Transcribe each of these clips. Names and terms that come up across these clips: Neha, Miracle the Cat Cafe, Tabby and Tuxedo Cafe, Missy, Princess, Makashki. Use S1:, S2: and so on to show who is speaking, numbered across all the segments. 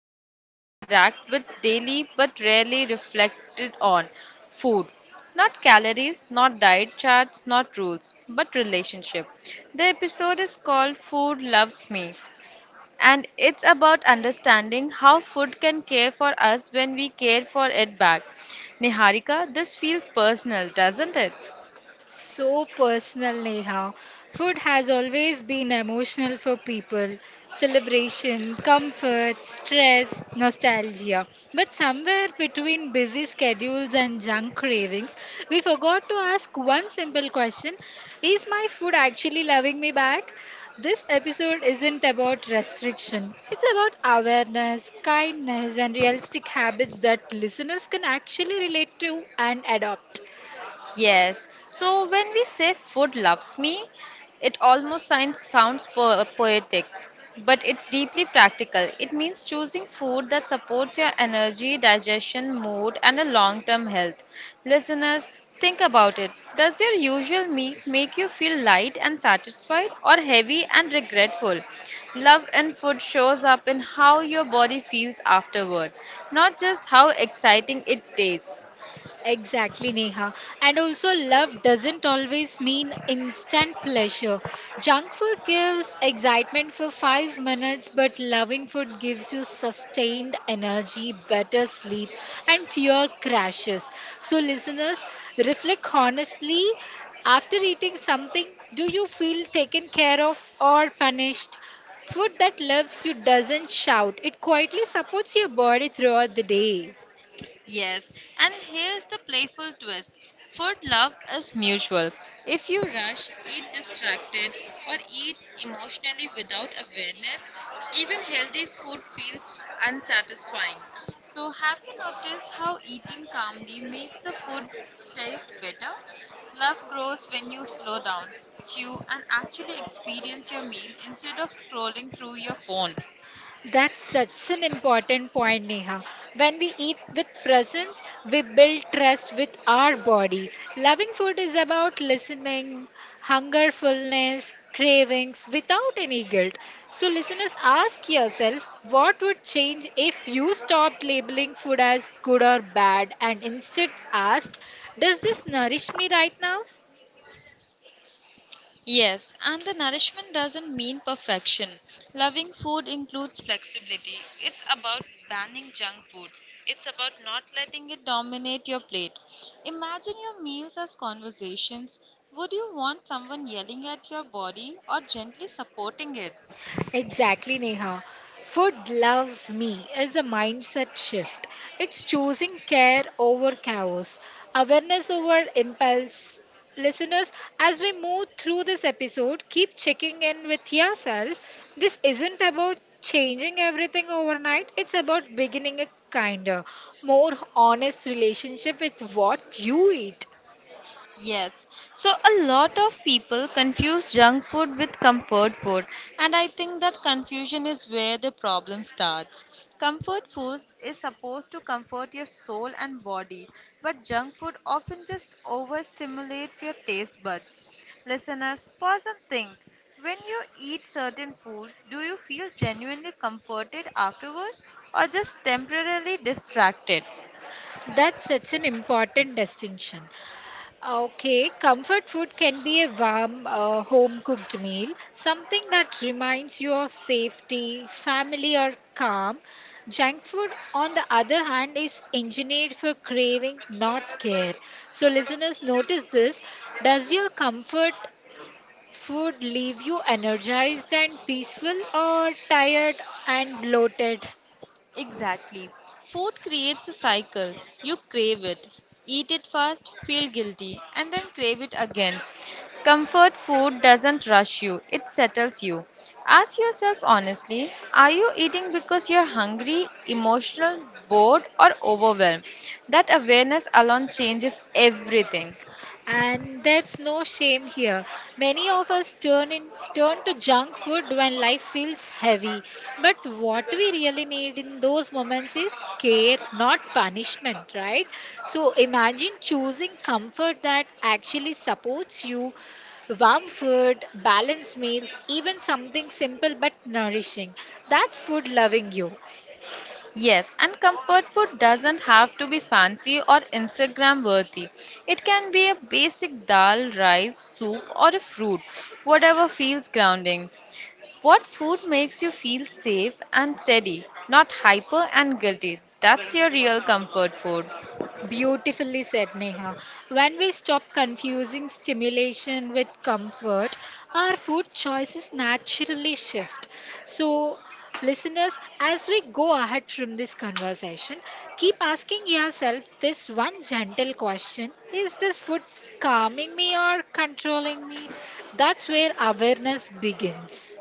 S1: we all interact with daily but rarely reflected on food. Not calories, not diet charts, not rules, but relationship. The episode is called Food Loves Me, and it's about understanding how food can care for us when we care for it back. Niharika, this feels personal, doesn't it?
S2: So personal, Neha. Food has always been emotional for people celebration, comfort, stress, nostalgia. But somewhere between busy schedules and junk cravings, we forgot to ask one simple question. Is my food actually loving me back? This episode isn't about restriction. It's about awareness, kindness, and realistic habits that listeners can actually relate to and adopt.
S1: Yes. So when we say food loves me, it almost sounds poetic, but it's deeply practical. It means choosing food that supports your energy, digestion, mood, and a long term health. Listeners, think about it. Does your usual meal make you feel light and satisfied, or heavy and regretful? Love in food shows up in how your body feels afterward, not just how exciting it tastes.
S2: Exactly, Neha. And also, love doesn't always mean instant pleasure. Junk food gives excitement for 5 minutes, but loving food gives you sustained energy, better sleep, and fewer crashes. So, listeners, reflect honestly. After eating something, do you feel taken care of or punished? Food that loves you doesn't shout, it quietly supports your body throughout the day.
S1: Yes, and here's the playful twist. Food love is mutual. If you rush, eat distracted, or eat emotionally without awareness, even healthy food feels unsatisfying. So, have you noticed how eating calmly makes the food taste better? Love grows when you slow down, chew, and actually experience your meal instead of scrolling through your phone.
S2: That's such an important point, Neha. When we eat with presence, we build trust with our body. Loving food is about listening, hunger, fullness, cravings without any guilt. So, listeners, ask yourself, what would change if you stopped labeling food as good or bad and instead asked, does this nourish me right now?
S1: Yes, and the nourishment doesn't mean perfection. Loving food includes flexibility. It's about banning junk foods. It's about not letting it dominate your plate. Imagine your meals as conversations. Would you want someone yelling at your body or gently supporting it?
S2: Exactly, Neha. Food loves me is a mindset shift. It's choosing care over chaos, awareness over impulse. Listeners, as we move through this episode, keep checking in with yourself. This isn't about changing everything overnight, it's about beginning a kinder, more honest relationship with what you eat.
S1: Yes. So a lot of people confuse junk food with comfort food, and I think that confusion is where the problem starts. Comfort food is supposed to comfort your soul and body, but junk food often just overstimulates your taste buds. Listeners, pause and think. When you eat certain foods, do you feel genuinely comforted afterwards or just temporarily distracted?
S2: That's such an important distinction. Okay, comfort food can be a warm, home cooked meal, something that reminds you of safety, family, or calm. Junk food, on the other hand, is engineered for craving, not care. So, listeners, notice this. Does your comfort food leave you energized and peaceful, or tired and bloated?
S1: Exactly. Food creates a cycle. You crave it, eat it fast, feel guilty, and then crave it again. Comfort food doesn't rush you, it settles you. Ask yourself honestly are you eating because you're hungry, emotional, bored, or overwhelmed? That awareness alone changes everything.
S2: And there's no shame here. Many of us turn to junk food when life feels heavy. But what we really need in those moments is care, not punishment, right? So imagine choosing comfort that actually supports you, warm food, balanced meals, even something simple but nourishing. That's food loving you.
S1: Yes, and comfort food doesn't have to be fancy or Instagram worthy. It can be a basic dal, rice, soup, or a fruit, whatever feels grounding. What food makes you feel safe and steady, not hyper and guilty? That's your real comfort food.
S2: Beautifully said, Neha. When we stop confusing stimulation with comfort, our food choices naturally shift. So, listeners, as we go ahead from this conversation, keep asking yourself this one gentle question. Is this food calming me or controlling me? That's where awareness begins.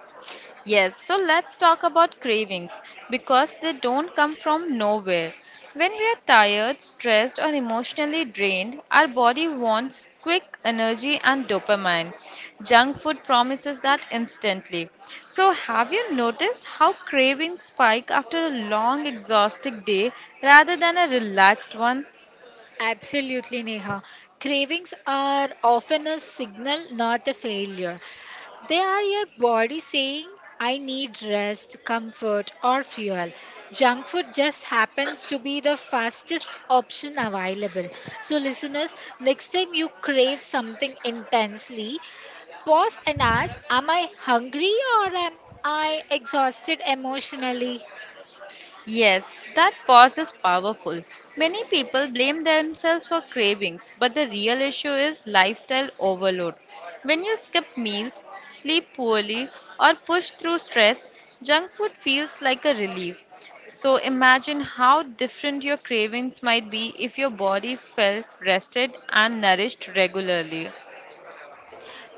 S1: Yes, so let's talk about cravings because they don't come from nowhere. When we are tired, stressed, or emotionally drained, our body wants quick energy and dopamine. Junk food promises that instantly. So, have you noticed how cravings spike after a long, exhausting day rather than a relaxed one?
S2: Absolutely, Neha. Cravings are often a signal, not a failure. They are your body saying, I need rest, comfort, or fuel. Junk food just happens to be the fastest option available. So, listeners, next time you crave something intensely, pause and ask, am I hungry or am I exhausted emotionally?
S1: Yes, that pause is powerful. Many people blame themselves for cravings, but the real issue is lifestyle overload. When you skip meals, sleep poorly, or push through stress, junk food feels like a relief. So imagine how different your cravings might be if your body felt rested and nourished regularly.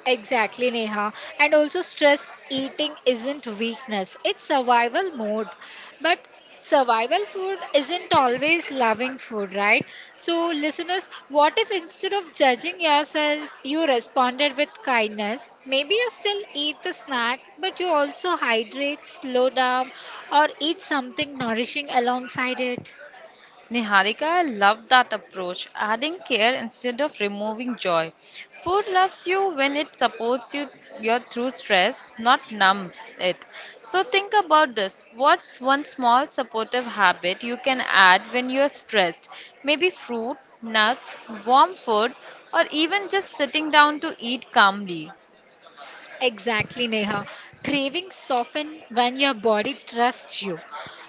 S2: Exactly, Neha. And also, stress eating isn't weakness, it's survival mode. But survival food isn't always loving food, right? So, listeners, what if instead of judging yourself, you responded with kindness? Maybe you still eat the snack, but you also hydrate, slow down, or eat something nourishing alongside it.
S1: Niharika loved that approach, adding care instead of removing joy. Food loves you when it supports you your through stress, not numb it. So think about this. What's one small supportive habit you can add when you're stressed? Maybe fruit, nuts, warm food, or even just sitting down to eat calmly.
S2: Exactly, Neha. Cravings soften when your body trusts you.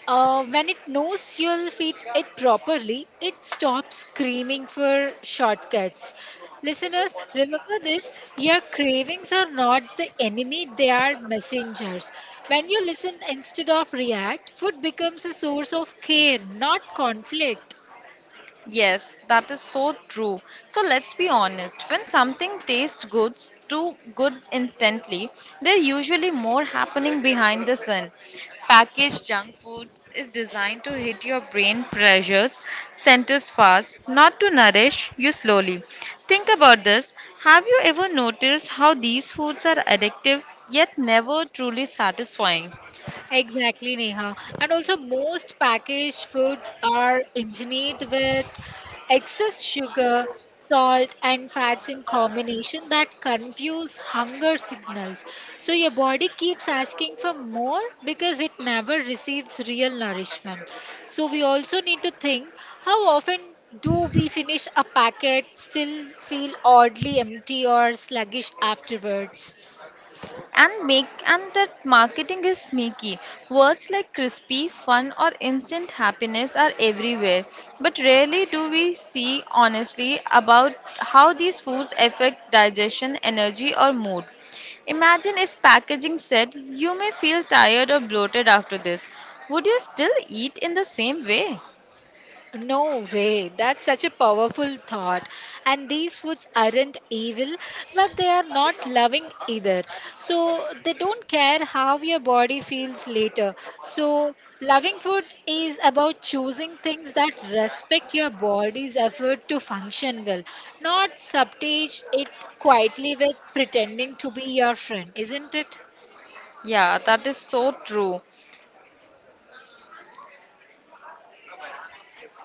S2: When it knows you'll feed it properly, it stops screaming for shortcuts. Listeners, remember this, your cravings are not the enemy, they are messengers. When you listen instead of react, food becomes a source of care, not conflict.
S1: Yes, that is so true. So let's be honest, when something tastes good too good instantly, there's usually more happening behind the sun. Packaged junk foods is designed to hit your brain pressures centers fast, not to nourish you slowly. Think about this. Have you ever noticed how these foods are addictive yet never truly satisfying?
S2: Exactly, Neha. And also, most packaged foods are engineered with excess sugar, salt, and fats in combination that confuse hunger signals. So, your body keeps asking for more because it never receives real nourishment. So, we also need to think, how often do we finish a packet still feel oddly empty or sluggish afterwards?
S1: And make and that marketing is sneaky, words like crispy fun or instant happiness are everywhere, but rarely do we see honestly about how these foods affect digestion energy or mood. Imagine if packaging said you may feel tired or bloated after this, would you still eat in the same way?
S2: No way. That's such a powerful thought. And these foods aren't evil, but they are not loving either. So they don't care how your body feels later. So loving food is about choosing things that respect your body's effort to function well, not subtage it quietly with pretending to be your friend, isn't it?
S1: Yeah, that is so true.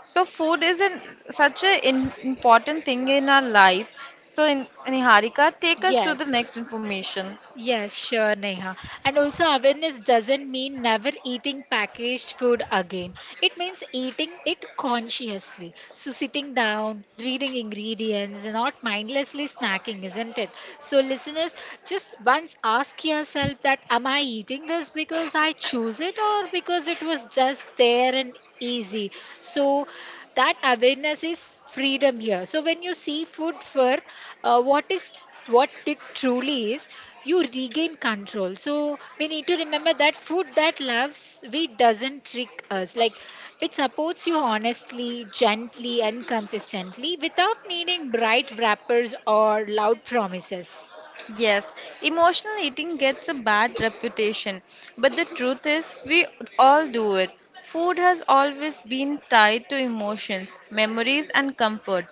S1: So such an important thing in our life. So in, Niharika, take us to the
S2: Yes.
S1: next information.
S2: Yes, sure, Neha. And also, awareness doesn't mean never eating packaged food again. It means eating it consciously. So, sitting down, reading ingredients, and not mindlessly snacking, isn't it? So, listeners, just once ask yourself that, am I eating this because I choose it or because it was just there and easy? So, that awareness is freedom here. So, when you see food for uh, what is what it truly is, you regain control. So we need to remember that food that loves we doesn't trick us, like it supports you honestly, gently, and consistently without needing bright wrappers or loud promises.
S1: Yes, emotional eating gets a bad reputation, but the truth is, we all do it. Food has always been tied to emotions, memories, and comfort.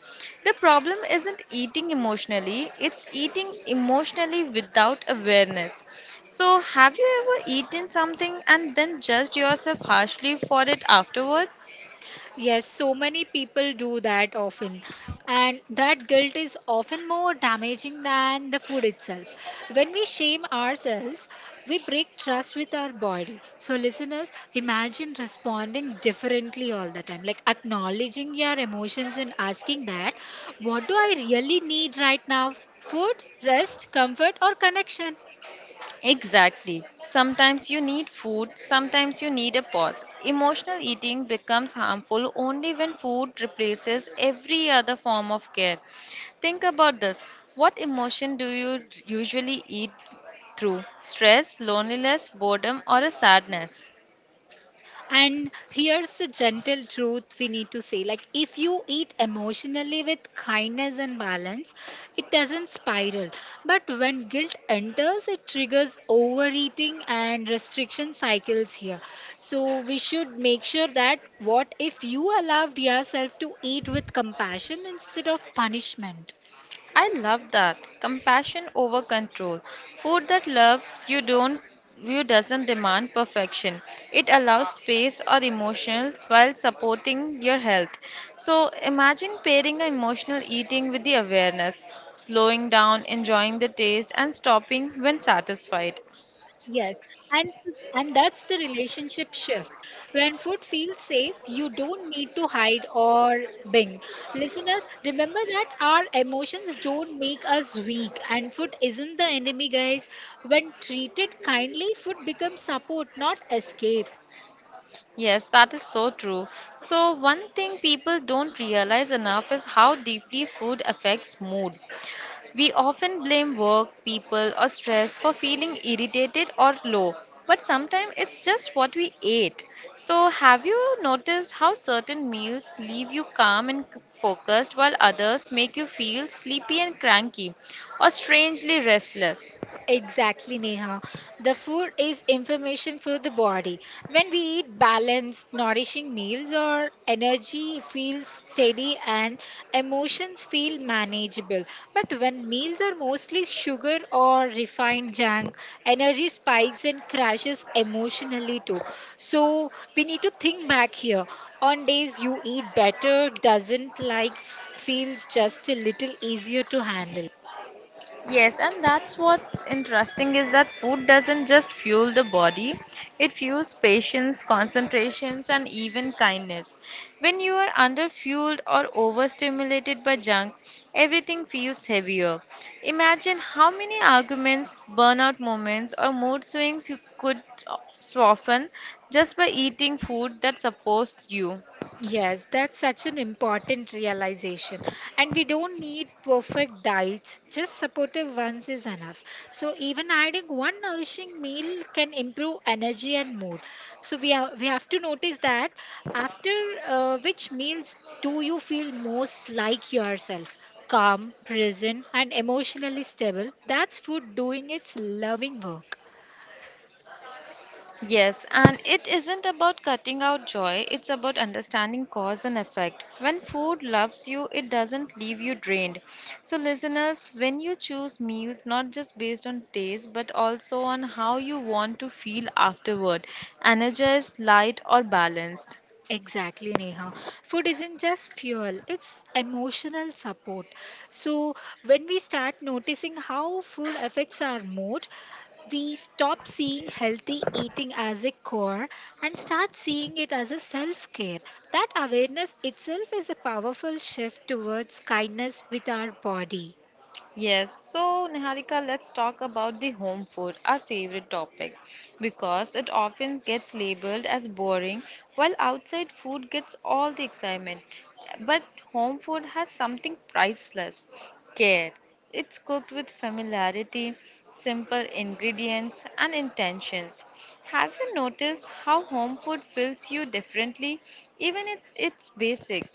S1: The problem isn't eating emotionally, it's eating emotionally without awareness. So, have you ever eaten something and then judged yourself harshly for it afterward?
S2: Yes, so many people do that often. And that guilt is often more damaging than the food itself. When we shame ourselves, we break trust with our body. So, listeners, imagine responding differently all the time, like acknowledging your emotions and asking that, what do I really need right now? Food, rest, comfort, or connection?
S1: Exactly. Sometimes you need food, sometimes you need a pause. Emotional eating becomes harmful only when food replaces every other form of care. Think about this. What emotion do you usually eat through? Stress, loneliness, boredom, or a sadness?
S2: And here's the gentle truth we need to say, like, if you eat emotionally with kindness and balance, it doesn't spiral. But when guilt enters, it triggers overeating and restriction cycles here. So we should make sure that, what if you allowed yourself to eat with compassion instead of punishment?
S1: I love that. Compassion over control. Food that loves you don't you doesn't demand perfection. It allows space or emotions while supporting your health. So imagine pairing emotional eating with the awareness, slowing down, enjoying the taste and stopping when satisfied.
S2: Yes, and s- and that's the relationship shift. When food feels safe, you don't need to hide or bing. Listeners, remember that our emotions don't make us weak, and food isn't the enemy, guys. When treated kindly, food becomes support, not escape.
S1: Yes, that is so true. So, one thing people don't realize enough is how deeply food affects mood. We often blame work, people, or stress for feeling irritated or low, but sometimes it's just what we ate. So, have you noticed how certain meals leave you calm and focused while others make you feel sleepy and cranky or strangely restless?
S2: Exactly, Neha. The food is information for the body. When we eat balanced, nourishing meals, our energy feels steady and emotions feel manageable. But when meals are mostly sugar or refined junk, energy spikes and crashes emotionally too. So we need to think back here. On days you eat better, doesn't feels just a little easier to handle.
S1: Yes, and that's what's interesting is that food doesn't just fuel the body, it fuels patience, concentrations, and even kindness. When you are underfueled or overstimulated by junk, everything feels heavier. Imagine how many arguments, burnout moments, or mood swings you could soften just by eating food that supports you.
S2: Yes, that's such an important realization. And we don't need perfect diets, just supportive ones is enough. So even adding one nourishing meal can improve energy and mood. So we have to notice that after which meals do you feel most like yourself? Calm, present, and emotionally stable. That's food doing its loving work.
S1: Yes, and it isn't about cutting out joy, it's about understanding cause and effect. When food loves you, it doesn't leave you drained. So, listeners, when you choose meals, not just based on taste, but also on how you want to feel afterward energized, light, or balanced.
S2: Exactly, Neha. Food isn't just fuel, it's emotional support. So, when we start noticing how food affects our mood, we stop seeing healthy eating as a core and start seeing it as a self care. That awareness itself is a powerful shift towards kindness with our body.
S1: Yes, so Niharika, let's talk about the home food, our favorite topic, because it often gets labeled as boring, while outside food gets all the excitement. But home food has something priceless care. It's cooked with familiarity, simple ingredients, and intentions. Have you noticed how home food fills you differently, even if it's basic?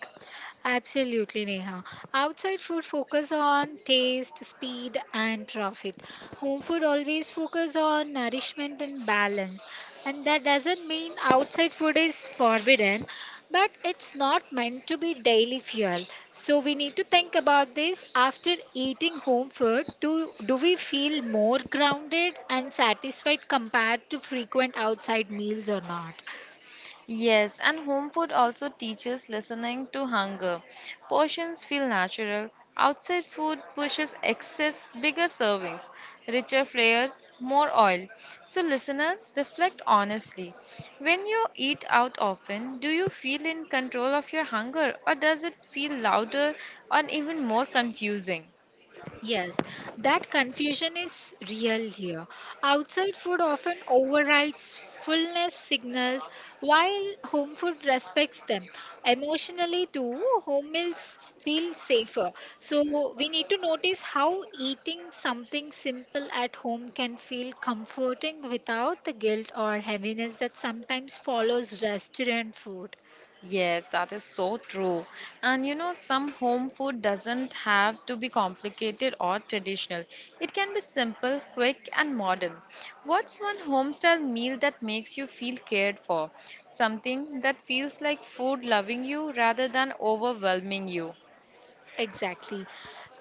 S2: Absolutely, Neha. Outside food focus on taste, speed, and profit. Home food always focus on nourishment and balance. And that doesn't mean outside food is forbidden, but it's not meant to be daily fuel. So we need to think about this after eating home food. Do we feel more grounded and satisfied compared to frequent outside meals or not?
S1: Yes, and home food also teaches listening to hunger. Portions feel natural. Outside food pushes excess, bigger servings, richer flavors, more oil. So, listeners, reflect honestly. When you eat out often, do you feel in control of your hunger or does it feel louder and even more confusing?
S2: Yes, that confusion is real here. Outside food often overrides fullness signals, while home food respects them. Emotionally, too, home meals feel safer. So, we need to notice how eating something simple at home can feel comforting without the guilt or heaviness that sometimes follows restaurant food.
S1: Yes, that is so true. And you know, some home food doesn't have to be complicated or traditional. It can be simple, quick, and modern. What's one homestyle meal that makes you feel cared for? Something that feels like food loving you rather than overwhelming you.
S2: Exactly.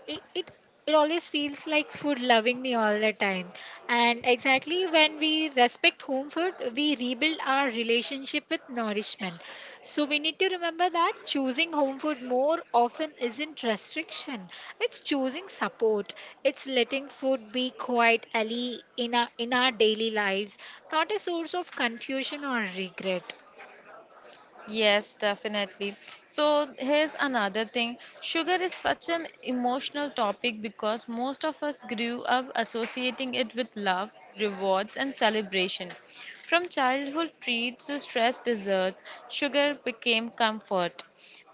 S2: It, it it always feels like food loving me all the time. And exactly when we respect home food, we rebuild our relationship with nourishment. So we need to remember that choosing home food more often isn't restriction. It's choosing support. It's letting food be quite ally in our daily lives, not a source of confusion or regret.
S1: Yes, definitely. So here's another thing. Sugar is such an emotional topic because most of us grew up associating it with love, rewards, and celebration. From childhood treats to stress desserts, sugar became comfort.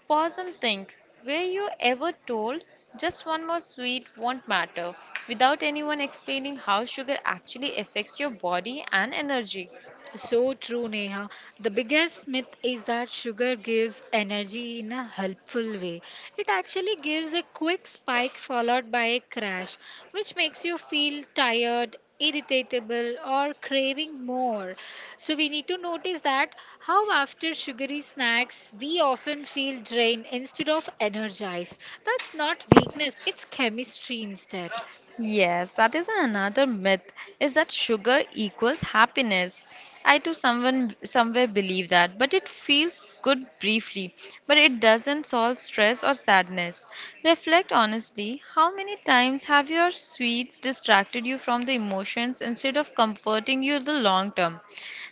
S1: Pause and think. Were you ever told just one more sweet won't matter without anyone explaining how sugar actually affects your body and energy?
S2: So true, Neha. The biggest myth is that sugar gives energy in a helpful way. It actually gives a quick spike followed by a crash, which makes you feel tired, irritable, or craving more. So, we need to notice that how after sugary snacks we often feel drained instead of energized. That's not weakness, it's chemistry instead.
S1: Yes, that is another myth is that sugar equals happiness. I too someone somewhere believe that, but it feels good briefly, but it doesn't solve stress or sadness. Reflect honestly, how many times have your sweets distracted you from the emotions instead of comforting you in the long term?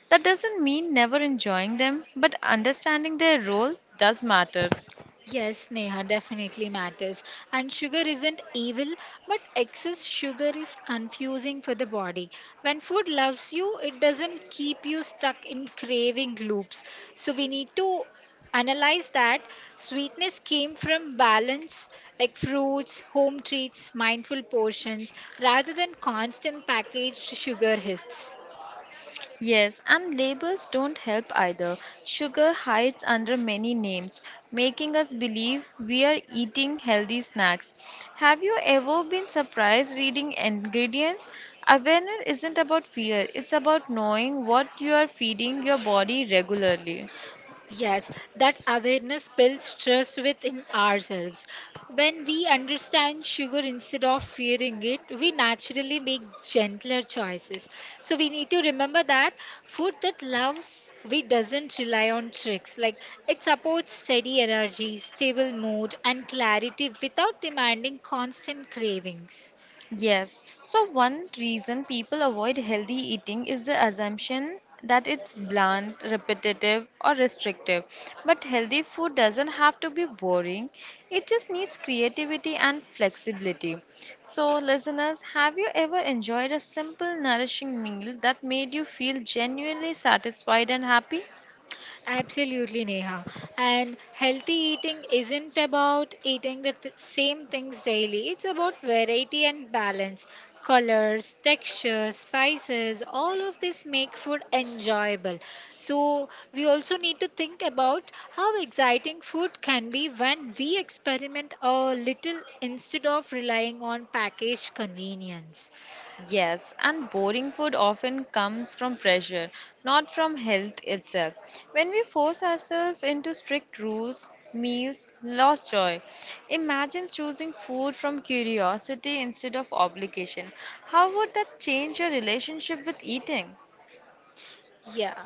S1: That doesn't mean never enjoying them, but understanding their role does matters.
S2: Yes, Neha, definitely matters. And sugar isn't evil, but excess sugar is confusing for the body. When food loves you, it doesn't keep you stuck in craving loops. So we need to analyze that sweetness came from balance, like fruits, home treats, mindful portions, rather than constant packaged sugar hits.
S1: Yes, and labels don't help either. Sugar hides under many names, making us believe we are eating healthy snacks. Have you ever been surprised reading ingredients? Awareness isn't about fear, it's about knowing what you are feeding your body regularly.
S2: Yes, that awareness builds trust within ourselves. When we understand sugar instead of fearing it, we naturally make gentler choices. So we need to remember that food that loves we doesn't rely on tricks. Like it supports steady energy, stable mood, and clarity without demanding constant cravings.
S1: Yes. So, one reason people avoid healthy eating is the assumption that it's bland, repetitive, or restrictive. But healthy food doesn't have to be boring, it just needs creativity and flexibility. So, listeners, have you ever enjoyed a simple, nourishing meal that made you feel genuinely satisfied and happy?
S2: Absolutely, Neha. And healthy eating isn't about eating the same things daily, it's about variety and balance. Colors, textures, spices, all of this make food enjoyable. So, we also need to think about how exciting food can be when we experiment a little instead of relying on packaged convenience.
S1: Yes, and boring food often comes from pressure, not from health itself. When we force ourselves into strict rules, meals lose joy. Imagine choosing food from curiosity instead of obligation. How would that change your relationship with eating?
S2: Yeah,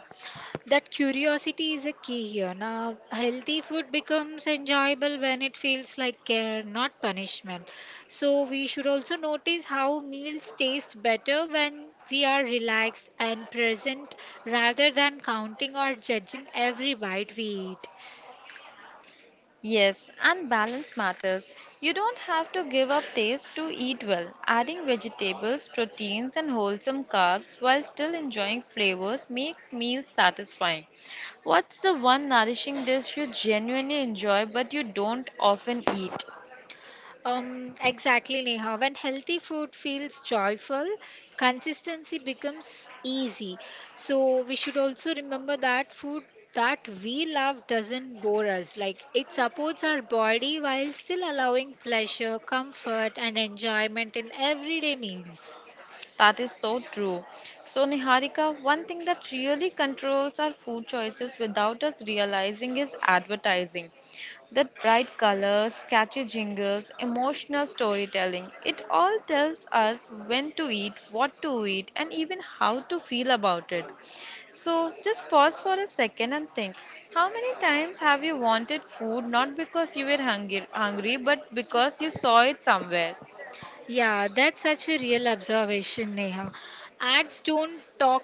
S2: that curiosity is a key here. Now, healthy food becomes enjoyable when it feels like care, not punishment. So, we should also notice how meals taste better when we are relaxed and present rather than counting or judging every bite we eat.
S1: Yes, and balance matters. You don't have to give up taste to eat well. Adding vegetables, proteins, and wholesome carbs while still enjoying flavors make meals satisfying. What's the one nourishing dish you genuinely enjoy but you don't often eat?
S2: Exactly, Neha. When healthy food feels joyful, consistency becomes easy. So we should also remember that food that we love doesn't bore us. Like it supports our body while still allowing pleasure, comfort, and enjoyment in everyday meals.
S1: That is so true. So, Niharika, one thing that really controls our food choices without us realizing is advertising. That bright colors, catchy jingles, emotional storytelling, it all tells us when to eat, what to eat, and even how to feel about it. So, just pause for a second and think how many times have you wanted food not because you were hungry but because you saw it somewhere?
S2: Yeah, that's such a real observation, Neha. Ads don't talk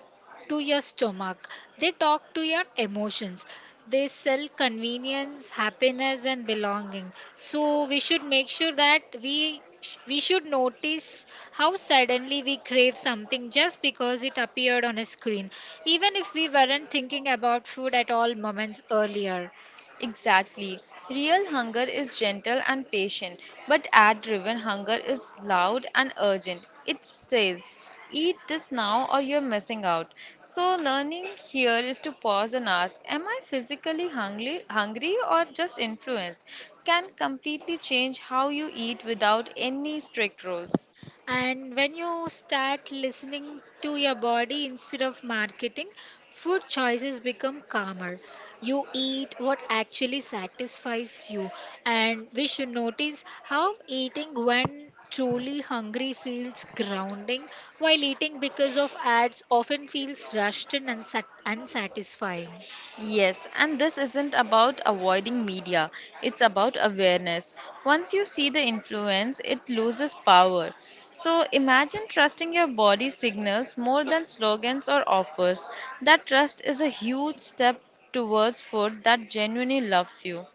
S2: to your stomach, they talk to your emotions. They sell convenience, happiness, and belonging. So we should make sure that we should notice how suddenly we crave something just because it appeared on a screen even if we weren't thinking about food at all moments earlier.
S1: Exactly. Real hunger is gentle and patient, but ad driven hunger is loud and urgent. It says, eat this now or you're missing out. So, learning here is to pause and ask, am I physically hungry or just influenced? Can completely change how you eat without any strict rules.
S2: And when you start listening to your body instead of marketing, food choices become calmer. You eat what actually satisfies you. And we should notice how eating when truly hungry feels grounding, while eating because of ads often feels rushed and unsatisfying.
S1: Yes, and this isn't about avoiding media, it's about awareness. Once you see the influence, it loses power. So imagine trusting your body signals more than slogans or offers. That trust is a huge step towards food that genuinely loves you.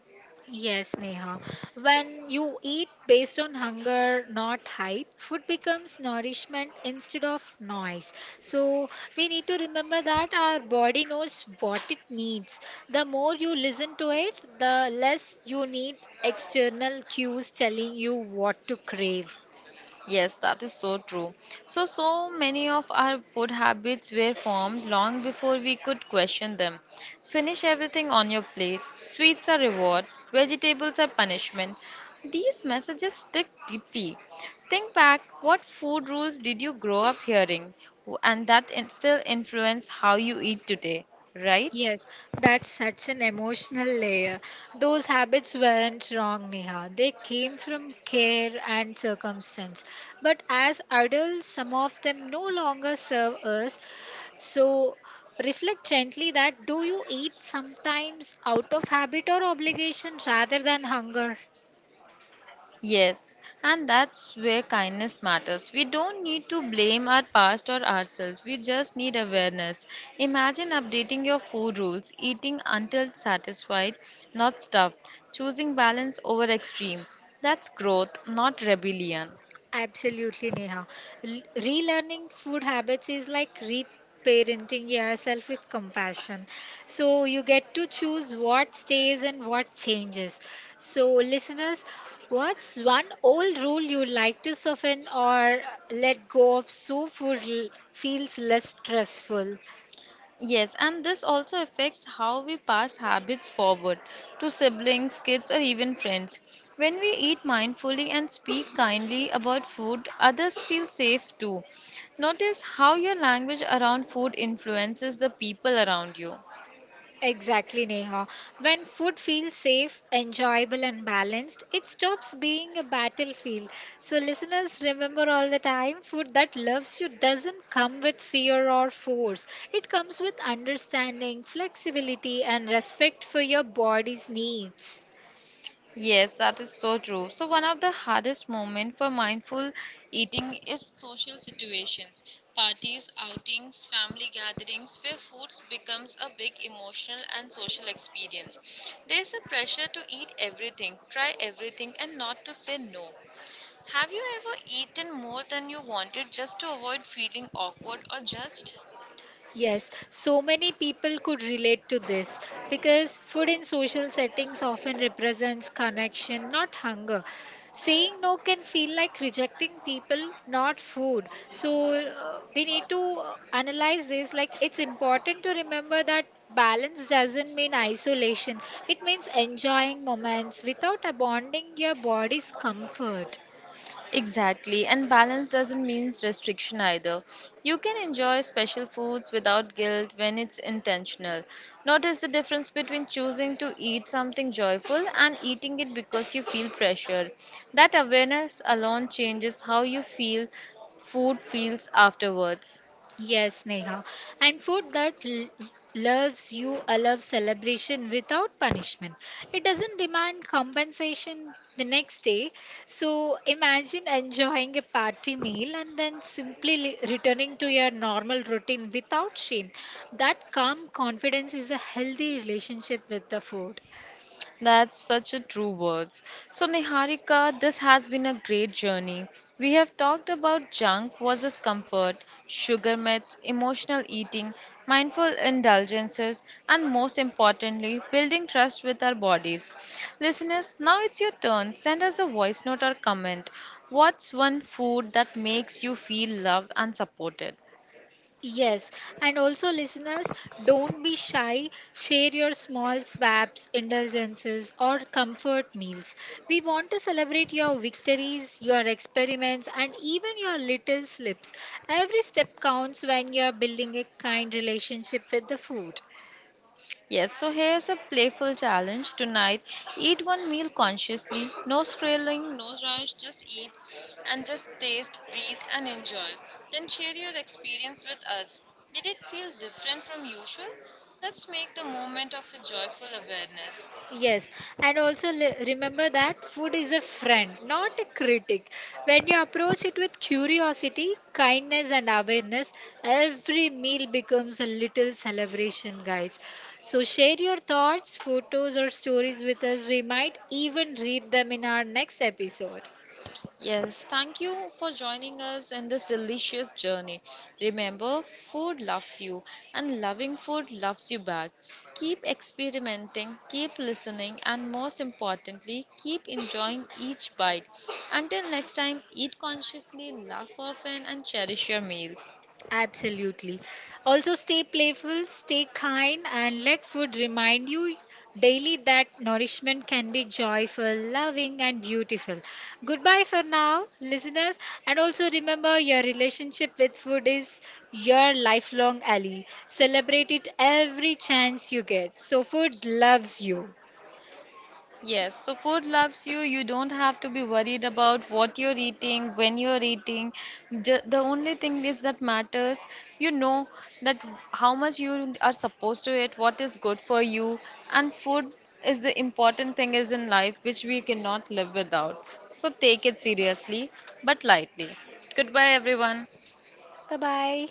S2: Yes, Neha. When you eat based on hunger, not hype, food becomes nourishment instead of noise. So, we need to remember that our body knows what it needs. The more you listen to it, the less you need external cues telling you what to crave.
S1: Yes, that is so true. So, so many of our food habits were formed long before we could question them. Finish everything on your plate. Sweets are reward. Vegetables are punishment. These messages stick deeply. Think back, what food rules did you grow up hearing? And that still influence how you eat today, right?
S2: Yes, that's such an emotional layer. Those habits weren't wrong, Neha. They came from care and circumstance. But as adults, some of them no longer serve us. So reflect gently that, do you eat sometimes out of habit or obligation rather than hunger?
S1: Yes, and that's where kindness matters. We don't need to blame our past or ourselves. We just need awareness. Imagine updating your food rules, eating until satisfied, not stuffed, choosing balance over extreme. That's growth, not rebellion.
S2: Absolutely, Neha. Relearning food habits is like reparenting yourself with compassion. So you get to choose what stays and what changes. So, listeners, what's one old rule you like to soften or let go of so food feels less stressful?
S1: Yes, and this also affects how we pass habits forward to siblings, kids, or even friends. When we eat mindfully and speak kindly about food, others feel safe too. Notice how your language around food influences the people around you.
S2: Exactly, Neha. When food feels safe, enjoyable, and balanced, it stops being a battlefield. So, listeners, remember all the time, food that loves you doesn't come with fear or force. It comes with understanding, flexibility, and respect for your body's needs.
S1: Yes, that is so true. So one of the hardest moments for mindful eating is social situations, parties, outings, family gatherings where food becomes a big emotional and social experience. There's a pressure to eat everything, try everything and not to say no. Have you ever eaten more than you wanted just to avoid feeling awkward or judged?
S2: Yes, so many people could relate to this because food in social settings often represents connection, not hunger. Saying no can feel like rejecting people, not food. So we need to analyze this. Like, it's important to remember that balance doesn't mean isolation, it means enjoying moments without abandoning your body's comfort.
S1: Exactly, and balance doesn't mean restriction either. You can enjoy special foods without guilt when it's intentional. Notice the difference between choosing to eat something joyful and eating it because you feel pressure. That awareness alone changes how you feel food feels afterwards.
S2: Yes, Neha. And food that loves you, a love celebration without punishment. It doesn't demand compensation the next day. So imagine enjoying a party meal and then simply returning to your normal routine without shame. That calm confidence is a healthy relationship with the food.
S1: That's such a true words. So Niharika, this has been a great journey. We have talked about junk versus comfort, sugar myths, emotional eating, mindful indulgences, and most importantly, building trust with our bodies. Listeners, now it's your turn. Send us a voice note or comment. What's one food that makes you feel loved and supported?
S2: Yes, and also, listeners, don't be shy. Share your small swaps, indulgences, or comfort meals. We want to celebrate your victories, your experiments, and even your little slips. Every step counts when you're building a kind relationship with the food.
S1: Yes, so here's a playful challenge tonight. Eat one meal consciously. No scrolling, no rush, just eat and just taste, breathe, and enjoy. Then share your experience with us. Did it feel different from usual? Let's make the moment of a joyful awareness.
S2: Yes, and also remember that food is a friend, not a critic. When you approach it with curiosity, kindness, and awareness, every meal becomes a little celebration, guys. So, share your thoughts, photos, or stories with us. We might even read them in our next episode.
S1: Yes, thank you for joining us in this delicious journey. Remember, food loves you, and loving food loves you back. Keep experimenting, keep listening, and most importantly, keep enjoying each bite. Until next time, eat consciously, laugh often, and cherish your meals.
S2: Absolutely. Also, stay playful, stay kind, and let food remind you daily that nourishment can be joyful, loving, and beautiful. Goodbye for now, listeners. And also remember, your relationship with food is your lifelong ally. Celebrate it every chance you get. So, food loves you.
S1: Yes, so food loves you. You don't have to be worried about what you're eating, when you're eating. The only thing is that matters. You know that how much you are supposed to eat, what is good for you, and food is the important thing is in life which we cannot live without. So take it seriously but lightly. Goodbye everyone.
S2: Bye bye.